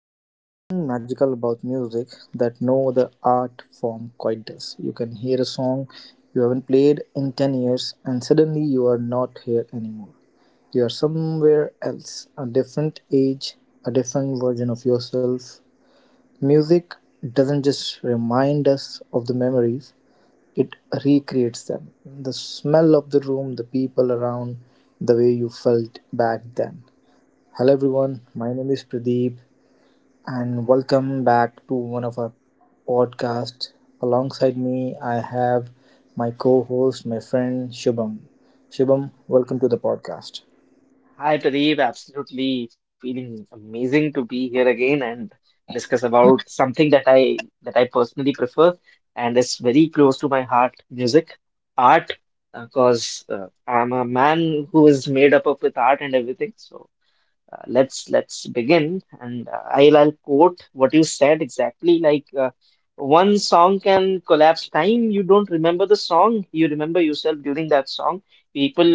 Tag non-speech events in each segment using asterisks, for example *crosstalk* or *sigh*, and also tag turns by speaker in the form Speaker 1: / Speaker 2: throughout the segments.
Speaker 1: There's something magical about music that no other art form quite does. You can hear a song you haven't played in 10 years, and suddenly you are not here anymore. You are somewhere else, a different age, a different version of yourself. Music doesn't just remind us of the memories, it recreates them. The smell of the room, the people around, the way you felt back then. Hello everyone, my name is Pradeep and welcome back to one of our podcasts. Alongside me, I have my co-host, my friend Shubham. Shubham, welcome to the podcast.
Speaker 2: Hi, Pradeep. Absolutely feeling amazing to be here again and discuss about something that I personally prefer and is very close to my heart, music, art, because I'm a man who is made up of with art and everything. So let's begin and I'll quote what you said exactly like one song can collapse time. You don't remember the song, you remember yourself during that song. People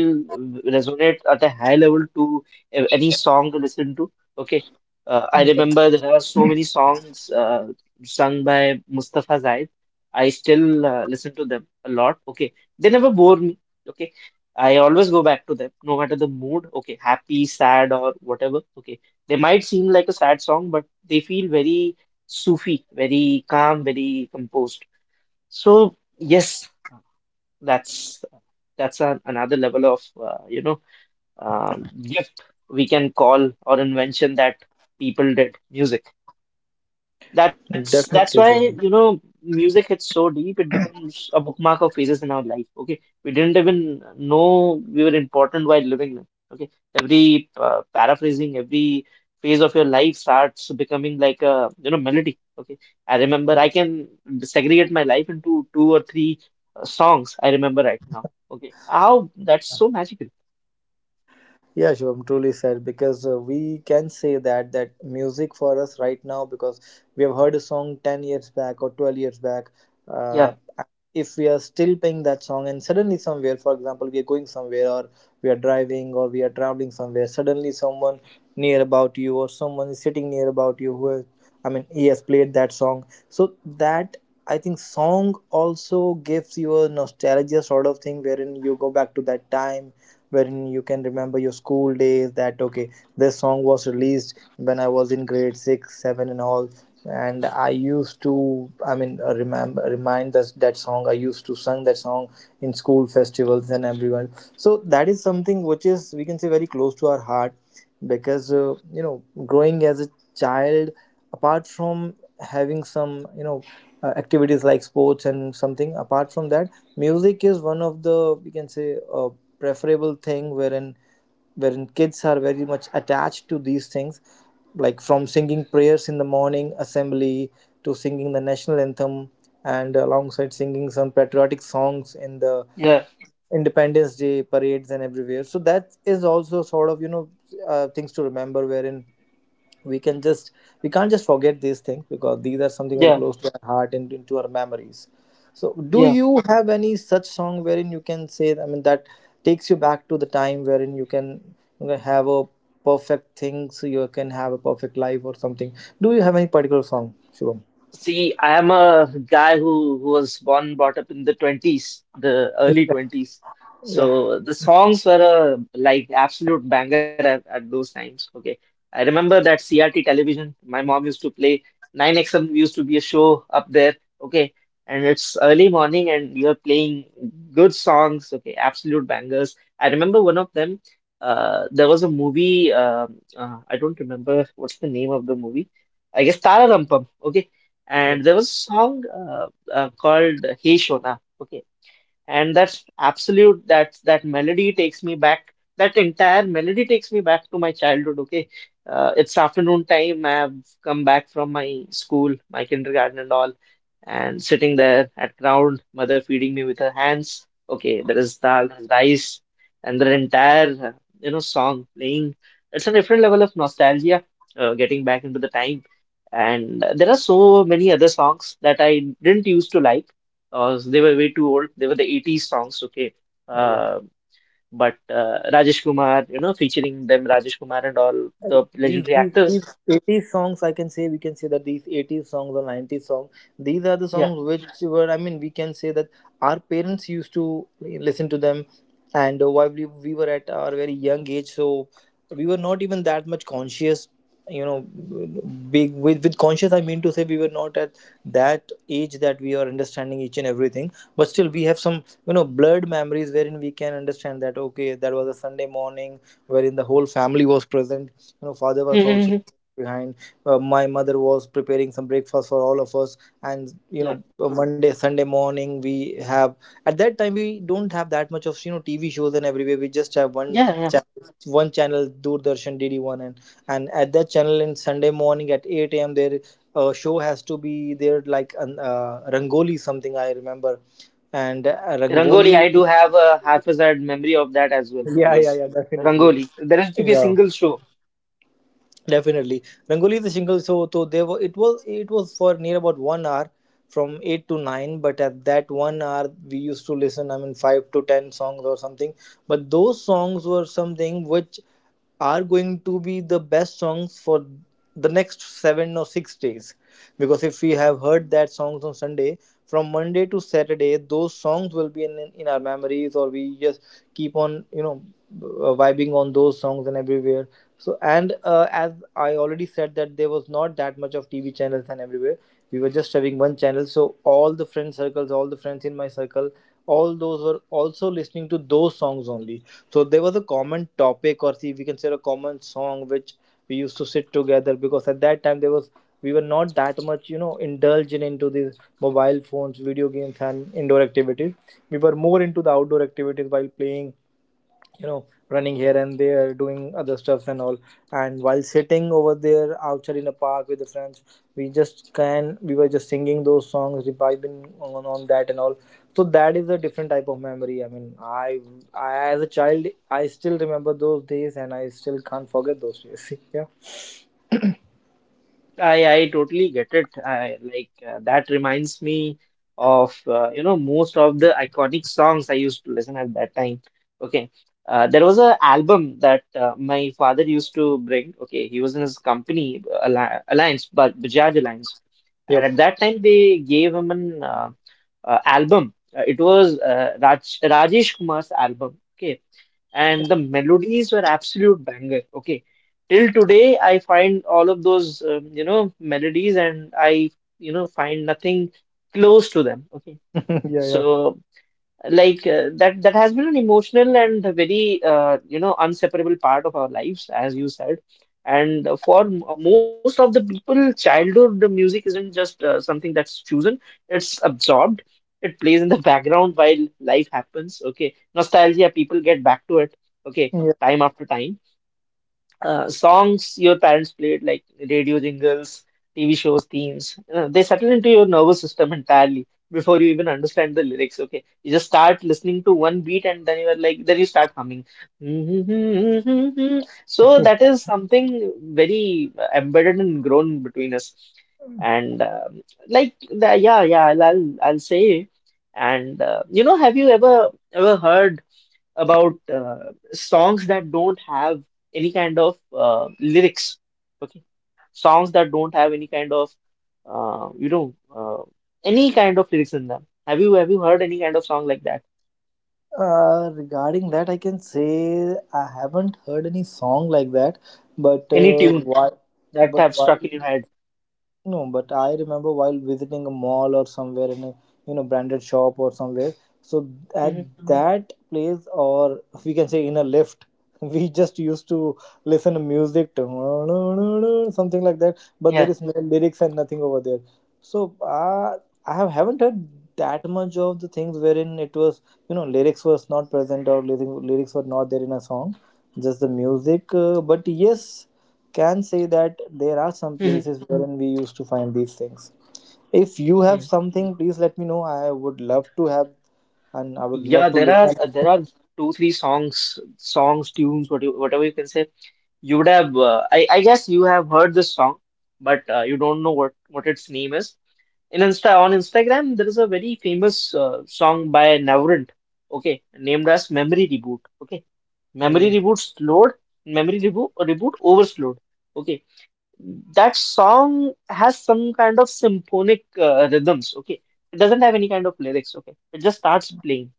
Speaker 2: resonate at a high level to any song to listen to. Okay, I remember there are so many songs sung by Mustafa Zaid. I still listen to them a lot. Okay, they never bore me. Okay. I always go back to them, no matter the mood. Okay, happy, sad, or whatever. Okay, they might seem like a sad song, but they feel very Sufi, very calm, very composed. So yes, that's that's another level of gift we can call, or invention, that people did music. That's
Speaker 1: Definitely,
Speaker 2: that's why,
Speaker 1: Shubham.
Speaker 2: music hits so deep, it becomes a bookmark of phases in our life. Okay. We didn't even know we were important while living them. Okay. Every paraphrasing, every phase of your life starts becoming like a melody. Okay. I remember I can segregate my life into two or three songs I remember right now. Okay. How that's so magical.
Speaker 1: Yeah, Shivam, truly said, because we can say that that music for us right now, because we have heard a song 10 years back or 12 years back. Uh,
Speaker 2: Yeah.
Speaker 1: if we are still playing that song and suddenly somewhere, for example, we are going somewhere or we are driving or we are traveling somewhere, suddenly someone near about you or someone is sitting near about you who has, I mean, he has played that song. So that, I think, song also gives you a nostalgia sort of thing, wherein you go back to that time, wherein you can remember your school days, that okay, this song was released when I was in grade 6 7 and all, and I used to, I mean, remember remind that that song. I used to sing that song in school festivals and everyone. So that is something which is, we can say, very close to our heart, because growing as a child, apart from having some activities like sports and something, apart from that music is one of the, you can say, preferable thing, wherein kids are very much attached to these things, like from singing prayers in the morning assembly, to singing the national anthem, and alongside singing some patriotic songs in the
Speaker 2: Yeah.
Speaker 1: Independence Day parades and everywhere. So that is also sort of, things to remember, wherein we can just we can't just forget these things, because these are something very
Speaker 2: Yeah.
Speaker 1: close to our heart and into our memories. So do
Speaker 2: Yeah.
Speaker 1: you have any such song wherein you can say, I mean, that takes you back to the time wherein you can have a perfect thing, so you can have a perfect life or something. Do you have any particular song, Shivam?
Speaker 2: See, I am a guy who was born and brought up in the 20s, the early 20s.
Speaker 1: Yeah.
Speaker 2: So the songs were a like absolute banger at those times. Okay. I remember that CRT television, my mom used to play 9XM. Used to be a show up there. Okay. And it's early morning and you're playing good songs. Okay, absolute bangers. I remember one of them. There was a movie. I don't remember what's the name of the movie. I guess Tara Rampam. Okay, and
Speaker 1: Yep.
Speaker 2: there was a song called Hey Shona. Okay, and that's that melody takes me back. That entire melody takes me back to my childhood. Okay, it's afternoon time, I've come back from my school, my kindergarten and all, and sitting there at ground, mother feeding me with her hands. Okay, there is dal, there's rice, and the entire song playing. It's a different level of nostalgia, getting back into the time. And there are so many other songs that I didn't used to like. They were way too old. They were the 80s songs, okay.
Speaker 1: Yeah.
Speaker 2: Uh, but Rajesh Kumar, featuring them, Rajesh Kumar and all the
Speaker 1: these
Speaker 2: legendary
Speaker 1: these these
Speaker 2: actors.
Speaker 1: 80s songs, I can say we can say that these 80s songs or 90s songs, these are the
Speaker 2: Yeah.
Speaker 1: songs which were, I mean, we can say that our parents used to listen to them, and while we were at our very young age, so we were not even that much conscious, you know. Big with conscious, I mean to say, we were not at that age that we are understanding each and everything, but still we have some blurred memories wherein we can understand that okay, that was a Sunday morning wherein the whole family was present, father
Speaker 2: *laughs*
Speaker 1: was also
Speaker 2: Yeah.
Speaker 1: behind. My mother was preparing some breakfast for all of us, and
Speaker 2: Yeah.
Speaker 1: monday sunday morning, we have at that time we don't have that much of TV shows and everywhere. We just have one
Speaker 2: Yeah.
Speaker 1: channel, Doordarshan DD1, and at that channel in Sunday morning at 8 a.m, their show has to be there, like an Rangoli, something I remember. And
Speaker 2: Rangoli,
Speaker 1: Rangoli.
Speaker 2: I do
Speaker 1: *laughs*
Speaker 2: have a haphazard memory of that as well, I
Speaker 1: Yeah, yeah,
Speaker 2: guess.
Speaker 1: yeah. Definitely.
Speaker 2: Rangoli. There used to be a
Speaker 1: Yeah.
Speaker 2: single show.
Speaker 1: Definitely, Rangoli is a single show, so there were it was for near about 1 hour, from eight to nine. But at that 1 hour, we used to listen. I mean, five to ten songs or something. But those songs were something which are going to be the best songs for the next 7 or 6 days. Because if we have heard that songs on Sunday, from Monday to Saturday, those songs will be in our memories, or we just keep on, vibing on those songs and everywhere. So, and as I already said, that there was not that much of TV channels and everywhere. We were just having one channel. So, all the friend circles, all the friends in my circle, all those were also listening to those songs only, so there was a common topic, or see, we can say a common song which we used to sit together, because at that time there was we were not that much indulged into these mobile phones, video games and indoor activities. We were more into the outdoor activities, while playing, you know running here and there, doing other stuff and all, and while sitting over there outside in a park with the friends, we were just singing those songs, reviving on that and all. So that is a different type of memory. I mean, I as a child, I still remember those days and I still can't forget those days. *laughs* Yeah.
Speaker 2: I totally get it. I like That reminds me of most of the iconic songs I used to listen at that time. Okay, there was a album that my father used to bring. Okay, he was in his company, Alliance, but Bajaj Alliance. And
Speaker 1: Yep.
Speaker 2: at that time, they gave him an album. It was Rajesh Kumar's album. Okay, and the melodies were absolute banger. Okay, till today, I find all of those melodies, and I find nothing close to them. Okay,
Speaker 1: *laughs* Yeah, yeah,
Speaker 2: so like that has been an emotional and a very inseparable part of our lives, as you said. And for most of the people, childhood music isn't just something that's chosen, it's absorbed. It plays in the *laughs* background while life happens. Okay, nostalgia, people get back to it, okay,
Speaker 1: yeah.
Speaker 2: time after time. Songs your parents played, like radio jingles, TV shows, themes, they settle into your nervous system entirely before you even understand the lyrics. Okay, you just start listening to one beat and then you're like, then you start humming. *laughs* So that is something very embedded and grown between us. And yeah, I'll say. And have you ever heard about songs that don't have any kind of lyrics? Okay? Songs that don't have any kind of uh, you know uh, any kind of lyrics in them. Have you heard any kind of song like that?
Speaker 1: Regarding that, I can say I haven't heard any song like that. but
Speaker 2: Any
Speaker 1: uh,
Speaker 2: tune
Speaker 1: why
Speaker 2: that
Speaker 1: but
Speaker 2: have
Speaker 1: why?
Speaker 2: struck in your head?
Speaker 1: No, but I remember while visiting a mall or somewhere, in a branded shop or somewhere. So at
Speaker 2: Hmm.
Speaker 1: That place, or we can say in a lift, *laughs* we just used to listen to music, *laughs* something like that. But
Speaker 2: Yeah.
Speaker 1: there is no lyrics and nothing over there. So I haven't heard that much of the things wherein it was, lyrics was not present, or lyrics were not there in a song, just the music. But yes, can say that there are some
Speaker 2: Hmm.
Speaker 1: places wherein we used to find these things. If you
Speaker 2: Yeah.
Speaker 1: have something, please let me know. I would love to have, and I would
Speaker 2: Yeah,
Speaker 1: love to
Speaker 2: there are
Speaker 1: listen.
Speaker 2: uh, there are two, three songs, tunes, whatever you can say. You would have, I guess you have heard this song, but you don't know what its name is. In Insta On Instagram, there is a very famous song by Navrant, okay, named as Memory Reboot. Okay, Memory
Speaker 1: Okay.
Speaker 2: Reboot slowed, Memory Reboot reboot overslowed. Okay, that song has some kind of symphonic rhythms. Okay, it doesn't have any kind of lyrics. Okay, it just starts playing,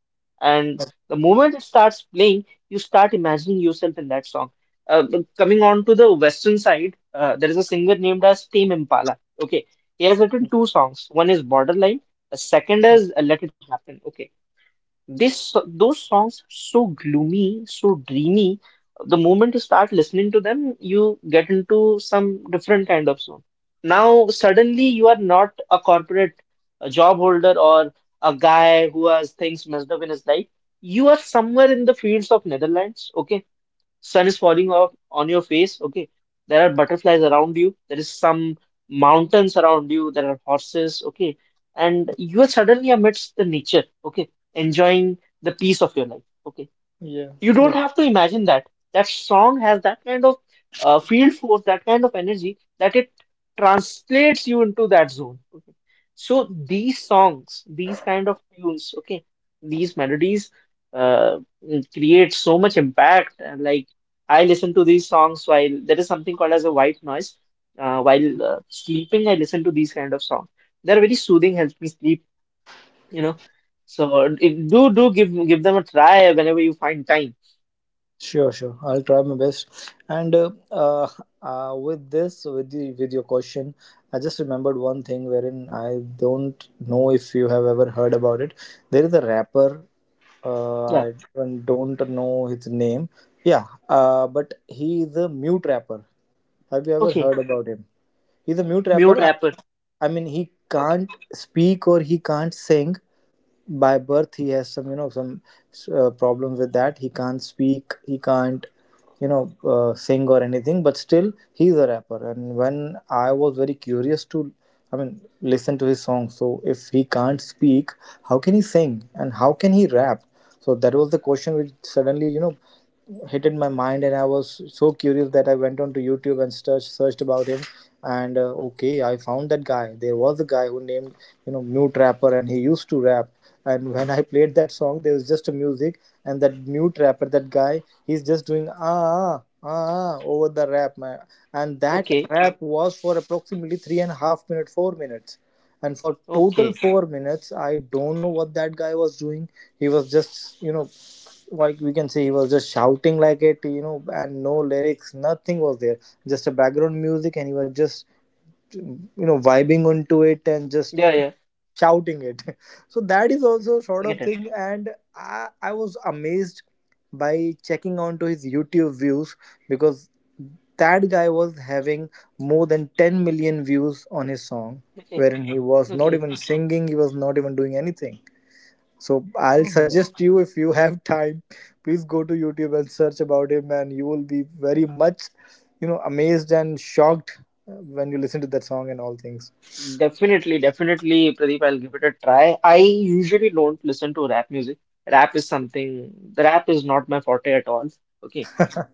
Speaker 2: and the moment it starts playing, you start imagining yourself in that song. But coming on to the western side, there is a singer named as Tame Impala. Okay, he has written two songs, one is Borderline, the second
Speaker 1: Okay.
Speaker 2: is Let It Happen. Okay, this those songs, so gloomy, so dreamy. The moment you start listening to them, you get into some different kind of zone. Now suddenly you are not a corporate, a job holder, or a guy who has things messed up in his life. You are somewhere in the fields of Netherlands. Okay, sun is falling off on your face. Okay, there are butterflies around you, there is some mountains around you, there are horses. Okay, and you are suddenly amidst the nature, okay, enjoying the peace of your life. Okay,
Speaker 1: Yeah.
Speaker 2: you don't
Speaker 1: def-
Speaker 2: have to imagine that. That song has that kind of field force, that kind of energy, that it translates you into that zone. Okay. So these songs, these kind of tunes, okay, these melodies uh, create so much impact. And like, I listen to these songs while there is something called as a white noise. While sleeping, I listen to these kind of songs. They're very soothing, helps me sleep, you know. So do give them a try whenever you find time.
Speaker 1: Sure, sure. I'll try my best. And with this, with your question, I just remembered one thing wherein I don't know if you have ever heard about it. There is a rapper.
Speaker 2: Yeah.
Speaker 1: I don't know his name. Yeah. But he is a mute rapper. Have you ever
Speaker 2: Okay,
Speaker 1: heard about him? He's a mute
Speaker 2: mute
Speaker 1: rapper.
Speaker 2: rapper.
Speaker 1: I mean, he
Speaker 2: Okay,
Speaker 1: can't speak or he can't sing. By birth, he has some problems with that. He can't speak. He can't, sing or anything. But still, he's a rapper. And when I was very curious to, I mean, listen to his song. So if he can't speak, how can he sing and how can he rap? So that was the question which suddenly, hit in my mind, and I was so curious that I went on to YouTube and searched about him. And okay, I found that guy. There was a guy who named, mute rapper, and he used to rap. And when I played that song, there was just a music, and that mute rapper, that guy, he's just doing ah ah ah ah," over the rap, man. And
Speaker 2: okay,
Speaker 1: that rap was for approximately 3.5 minutes, 4 minutes, and for total
Speaker 2: okay.
Speaker 1: 4 minutes I don't know what that guy was doing. He was just, like we can say, he was just shouting, like it, and no lyrics, nothing was there, just a background music, and he was just, vibing onto it and just
Speaker 2: Yeah, yeah,
Speaker 1: shouting it. *laughs* So that is also sort
Speaker 2: I
Speaker 1: of
Speaker 2: get it.
Speaker 1: thing. And I was amazed by checking onto his YouTube views, because that guy was having more than 10 million views on his song,
Speaker 2: Okay,
Speaker 1: wherein he was not
Speaker 2: okay.
Speaker 1: even singing, he was not even doing anything. So I'll
Speaker 2: Oh my God.
Speaker 1: suggest you, if you have time, please go to YouTube and search about him, and you will be very much, amazed and shocked, uh, when you listen to that song and all things.
Speaker 2: Definitely, definitely, Pradeep, I'll give it a try. I usually don't listen to rap music. Rap is something, the rap is not my forte at all. Okay.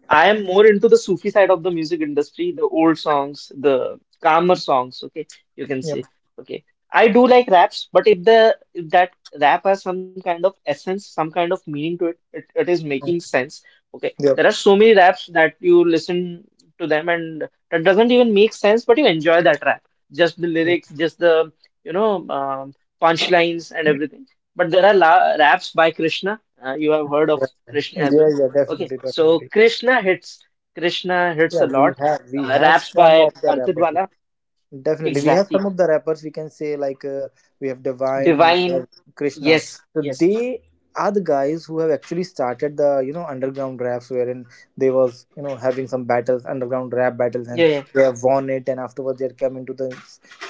Speaker 2: I am more into the Sufi side of the music industry, the old songs, the calmer songs, okay, you can
Speaker 1: Yeah.
Speaker 2: say. Okay. I do like raps, but if that rap has some kind of essence, some kind of meaning to it, it is
Speaker 1: Mm.
Speaker 2: making sense. Okay.
Speaker 1: Yep.
Speaker 2: There are so many raps that you listen to and that doesn't even make sense, but you enjoy that rap. Just the
Speaker 1: Mm.
Speaker 2: lyrics, just the, you know, um, punchlines and everything. But there are la raps by Krishna. You have heard of Krishna
Speaker 1: Yeah.
Speaker 2: as
Speaker 1: Yeah.
Speaker 2: well.
Speaker 1: Yeah.
Speaker 2: Okay,
Speaker 1: Definitely.
Speaker 2: so
Speaker 1: Definitely.
Speaker 2: Krishna hits. Krishna hits
Speaker 1: Yeah.
Speaker 2: a
Speaker 1: We
Speaker 2: lot.
Speaker 1: have we have
Speaker 2: Raps
Speaker 1: some
Speaker 2: by
Speaker 1: of the
Speaker 2: Arpit
Speaker 1: rappers.
Speaker 2: Bala.
Speaker 1: Definitely, we have
Speaker 2: Exactly.
Speaker 1: some of the rappers, we can say, like, we have Divine, we have
Speaker 2: Divine.
Speaker 1: Krishna.
Speaker 2: Yes,
Speaker 1: So
Speaker 2: yes.
Speaker 1: they are the guys who have actually started the underground raps wherein they was, having some battles, underground rap battles, and
Speaker 2: Yeah, yeah,
Speaker 1: they have won it, and afterwards they are come into the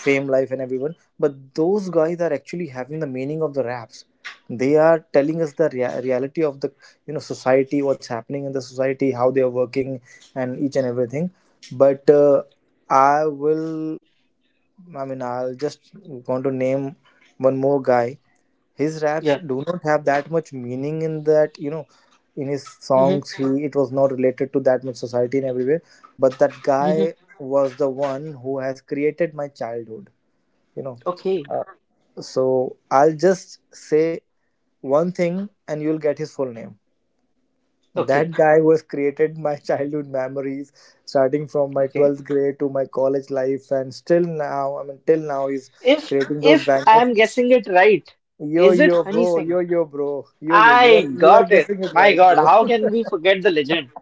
Speaker 1: fame life and everyone. But those guys are actually having the meaning of the raps. They are telling us the reality of the, society, what's happening in the society, how they are working, and each and everything. But I will. I mean, I'll just want to name one more guy. His raps
Speaker 2: yeah.
Speaker 1: do not have that much meaning in that, in his
Speaker 2: Mm-hmm.
Speaker 1: songs, he it was not related to that much society and everywhere. But that
Speaker 2: Mm-hmm.
Speaker 1: guy was the one who has created my childhood, you know.
Speaker 2: Okay,
Speaker 1: Uh, so I'll just say one thing and you'll get his full name.
Speaker 2: okay,
Speaker 1: That guy was created my *laughs* childhood memories, starting from my
Speaker 2: okay.
Speaker 1: 12th grade to my college life, and still now, I mean, till now, he's
Speaker 2: If
Speaker 1: creating those
Speaker 2: if
Speaker 1: bangers.
Speaker 2: I'm guessing it right,
Speaker 1: Yo,
Speaker 2: is it
Speaker 1: yo,
Speaker 2: Honey
Speaker 1: bro, yo,
Speaker 2: Singh?
Speaker 1: yo, bro, yo, yo, you are,
Speaker 2: I
Speaker 1: you are
Speaker 2: got it.
Speaker 1: guessing it
Speaker 2: My
Speaker 1: right,
Speaker 2: God,
Speaker 1: bro.
Speaker 2: how can we forget the legend?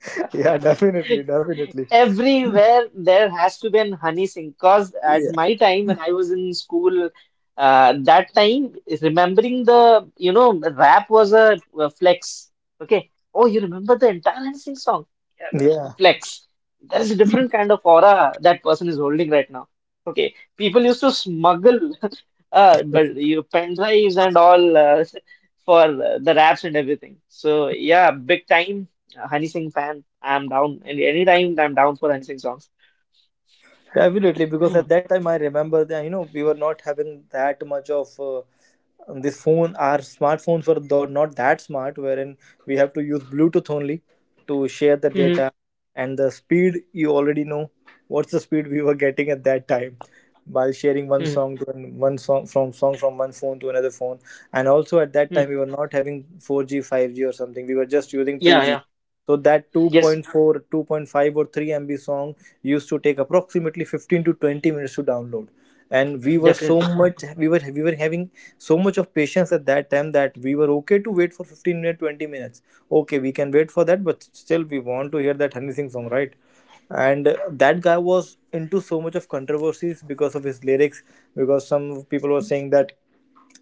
Speaker 1: *laughs* Yeah, definitely, definitely.
Speaker 2: Everywhere there has to be an Honey Sink. Cause at
Speaker 1: Yeah,
Speaker 2: my time when I was in school, that time, remembering the rap was a flex. Okay. Oh, you remember the entire Honey Sink song? Yeah, the
Speaker 1: yeah,
Speaker 2: flex. There is a different kind of aura that person is holding right now. Okay. People used to smuggle *laughs* but you pen drives and all *laughs* for the raps and everything. So yeah, big time a Honey Singh fan. I'm down. And anytime I'm down for Honey Singh songs.
Speaker 1: definitely. Because at that time, I remember that, we were not having that much of this phone our smartphones were not that smart, wherein we have to use bluetooth only to share the
Speaker 2: Mm-hmm.
Speaker 1: data, and the speed you already know, what's the speed we were getting at that time while sharing one song from one phone to another phone. And also at that time we were
Speaker 2: Mm-hmm.
Speaker 1: not having 4G, 5G or something. We were just using 2G,
Speaker 2: Yeah, yeah.
Speaker 1: so that
Speaker 2: Yes,
Speaker 1: 2.4, 2.5 or 3 MB song used to take approximately 15 to 20 minutes to download, and
Speaker 2: definitely.
Speaker 1: we were having so much of patience at that time that we were okay to wait for 15 minutes, 20 minutes. Okay, we can wait for that, but still we want to hear that Honey Singh song, right? And that guy was into so much of controversies because of his lyrics, because some people were saying that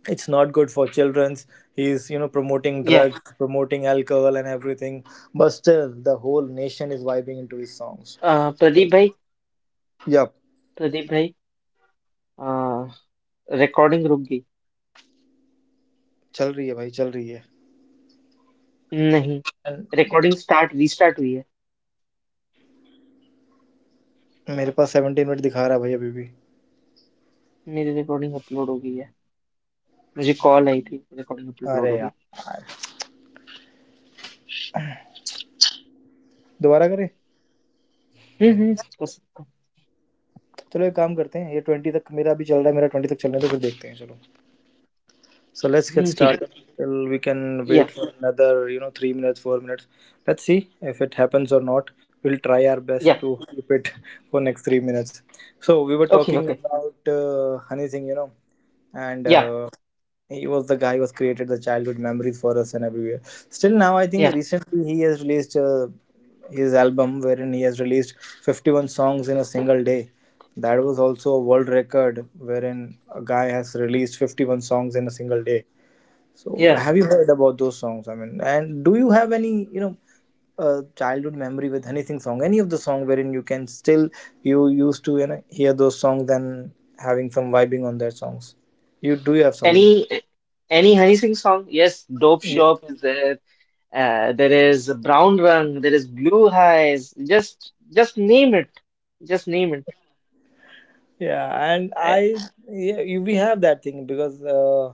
Speaker 1: it's not good for children's, he's promoting
Speaker 2: या
Speaker 1: drugs, promoting alcohol and everything. But still the whole nation is vibing into his songs.
Speaker 2: अ, प्रदीप भाई,
Speaker 1: Yeah.
Speaker 2: Pradeep भाई, recording रुक गई?
Speaker 1: Chal rahi hai bhai, chal rahi hai.
Speaker 2: नहीं,
Speaker 1: And
Speaker 2: recording start restart हुई है.
Speaker 1: मेरे पास 17 minute दिखा रहा है भाई अभी भी।
Speaker 2: मेरी रिकॉर्डिंग अपलोड हो गई है. मुझे कॉल आई थी, रिकॉर्डिंग अपलोड
Speaker 1: अरे
Speaker 2: हो गई.
Speaker 1: यार! दोबारा करें?
Speaker 2: हम्म, हम्म कर सकता
Speaker 1: चलो एक काम करते हैं, ये 20 तक मेरा अभी चल रहा है, मेरा 20 तक चलने दो, फिर देखते हैं, चलो। So let's
Speaker 2: हूँ।
Speaker 1: get
Speaker 2: हम्म, ठीक है,
Speaker 1: started.
Speaker 2: ठीक
Speaker 1: Till we can
Speaker 2: है।
Speaker 1: wait
Speaker 2: या,
Speaker 1: for another, 3 minutes, 4 minutes. Let's see if it happens or not. We'll try our best
Speaker 2: या,
Speaker 1: to keep it *laughs* for next 3 minutes. So we were talking
Speaker 2: okay, okay,
Speaker 1: about Honey Singh, you know, and
Speaker 2: या,
Speaker 1: uh, he was the guy who has created the childhood memories for us and everywhere. Still now, I think recently he has released his album, wherein he has released 51 songs in a single day. That was also a world record, wherein a guy has released 51 songs in a single day. So
Speaker 2: या,
Speaker 1: have you heard about those songs? I mean, and do you have any, childhood memory with anything song, any of the song wherein you can still you used to hear those songs and having some vibing on their songs? You Do you have
Speaker 2: any,
Speaker 1: some?
Speaker 2: Any Honey Singh song, yes, dope shop is there, there is brown Rang, there is blue eyes, just, just name it, just name it,
Speaker 1: Yeah and I yeah, we have that thing, because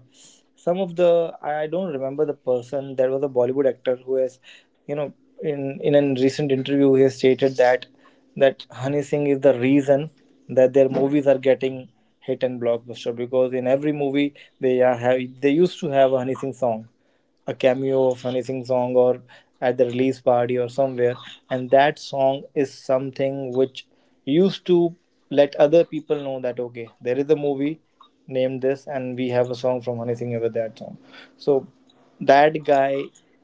Speaker 1: some of the I don't remember the person. There was a bollywood actor who has you know in a recent interview, he has stated that Honey Singh is the reason that their movies are getting hit and blockbuster, because in every movie they used to have a Honey Singh song, a cameo of anything song, or at the release party or somewhere, and that song is something which used to let other people know that okay, there is a movie named this and we have a song from anything over that song. So that guy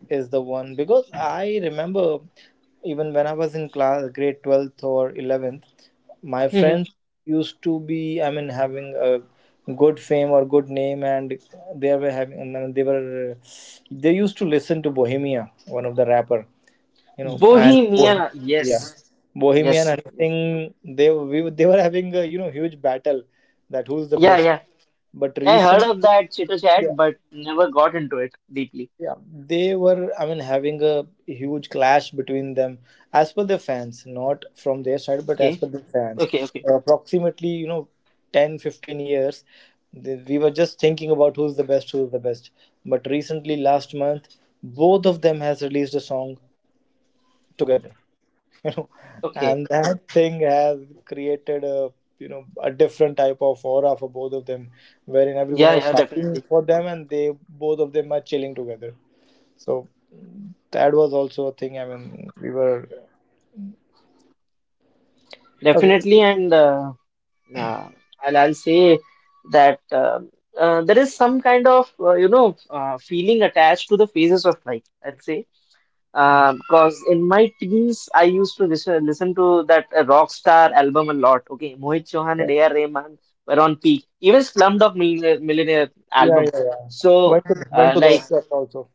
Speaker 1: is the one, because I remember even when I was in class grade 12th or 11th, my friends used to be, I mean, having a good fame or good name, and they were having, I mean, they used to listen to bohemia, one of the rapper, you know and
Speaker 2: Bohemia,
Speaker 1: Bo-
Speaker 2: yes.
Speaker 1: Yeah,
Speaker 2: Yes,
Speaker 1: bohemian and
Speaker 2: yes.
Speaker 1: thing, they were having a huge battle, that who's the
Speaker 2: Yeah,
Speaker 1: best.
Speaker 2: yeah.
Speaker 1: But
Speaker 2: I heard
Speaker 1: recent
Speaker 2: of that chitter chat, but never got into it deeply.
Speaker 1: Yeah, they were, I mean, having a huge clash between them, as per the fans, not from their side but as
Speaker 2: Okay,
Speaker 1: per the fans.
Speaker 2: okay, okay,
Speaker 1: Approximately 10-15 years, th we were just thinking about who's the best, who's the best. But recently last month, both of them has released a song together, *laughs* you know
Speaker 2: okay.
Speaker 1: and that thing has created a you know a different type of aura for both of them, wherein everyone
Speaker 2: Yeah,
Speaker 1: was
Speaker 2: yeah,
Speaker 1: fighting
Speaker 2: definitely.
Speaker 1: for them and they both of them are chilling together. So that was also a thing. I mean, we were okay.
Speaker 2: Definitely, and uh, I'll say that there is some kind of, feeling attached to the phases of life, I'd say.
Speaker 1: Mm.
Speaker 2: Because in my teens, I used to listen to that rock star album a lot. Okay, Mohit Chauhan and
Speaker 1: Yeah,
Speaker 2: A.R. Rahman were on peak. Even Slumdog Millionaire,
Speaker 1: yeah,
Speaker 2: album.
Speaker 1: yeah. Yeah.
Speaker 2: So,
Speaker 1: Went to the
Speaker 2: like,
Speaker 1: office also.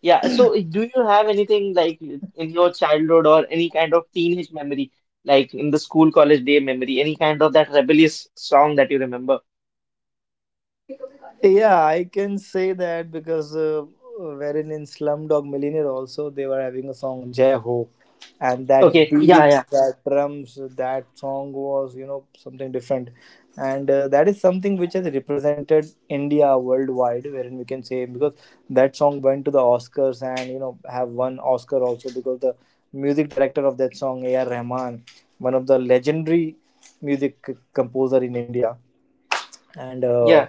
Speaker 2: yeah. So, do you have anything like in your childhood or any kind of teenage memory, like in the school, college day memory, any kind of that rebellious song that you remember?
Speaker 1: Yeah, I can say that, because wherein in Slumdog Millionaire also they were having a song Jai Ho, and that
Speaker 2: Okay, yeah, yeah,
Speaker 1: beats, that drums, that song was something different, and that is something which has represented India worldwide, wherein we can say, because that song went to the Oscars and have won Oscar also, because the music director of that song, A.R. Rahman, one of the legendary music composer in India, and
Speaker 2: yeah.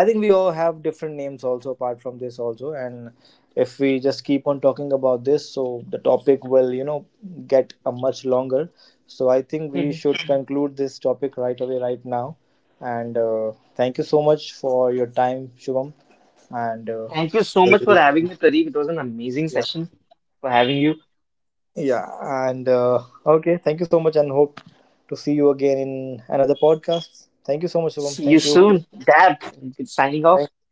Speaker 1: I think we all have different names also apart from this also, and if we just keep on talking about this, so the topic will get a much longer. So I think we
Speaker 2: Mhm.
Speaker 1: should conclude this topic right away, right now. And thank you so much for your time, Shubham. And
Speaker 2: Thank you so much for having me, Pradeep. It was an amazing
Speaker 1: yeah,
Speaker 2: session for having you.
Speaker 1: yeah. And okay, thank you so much, and hope to see you again in another podcast. Thank you so much, Shubham.
Speaker 2: See you
Speaker 1: Thank you.
Speaker 2: soon, Dad. Signing off.
Speaker 1: Thank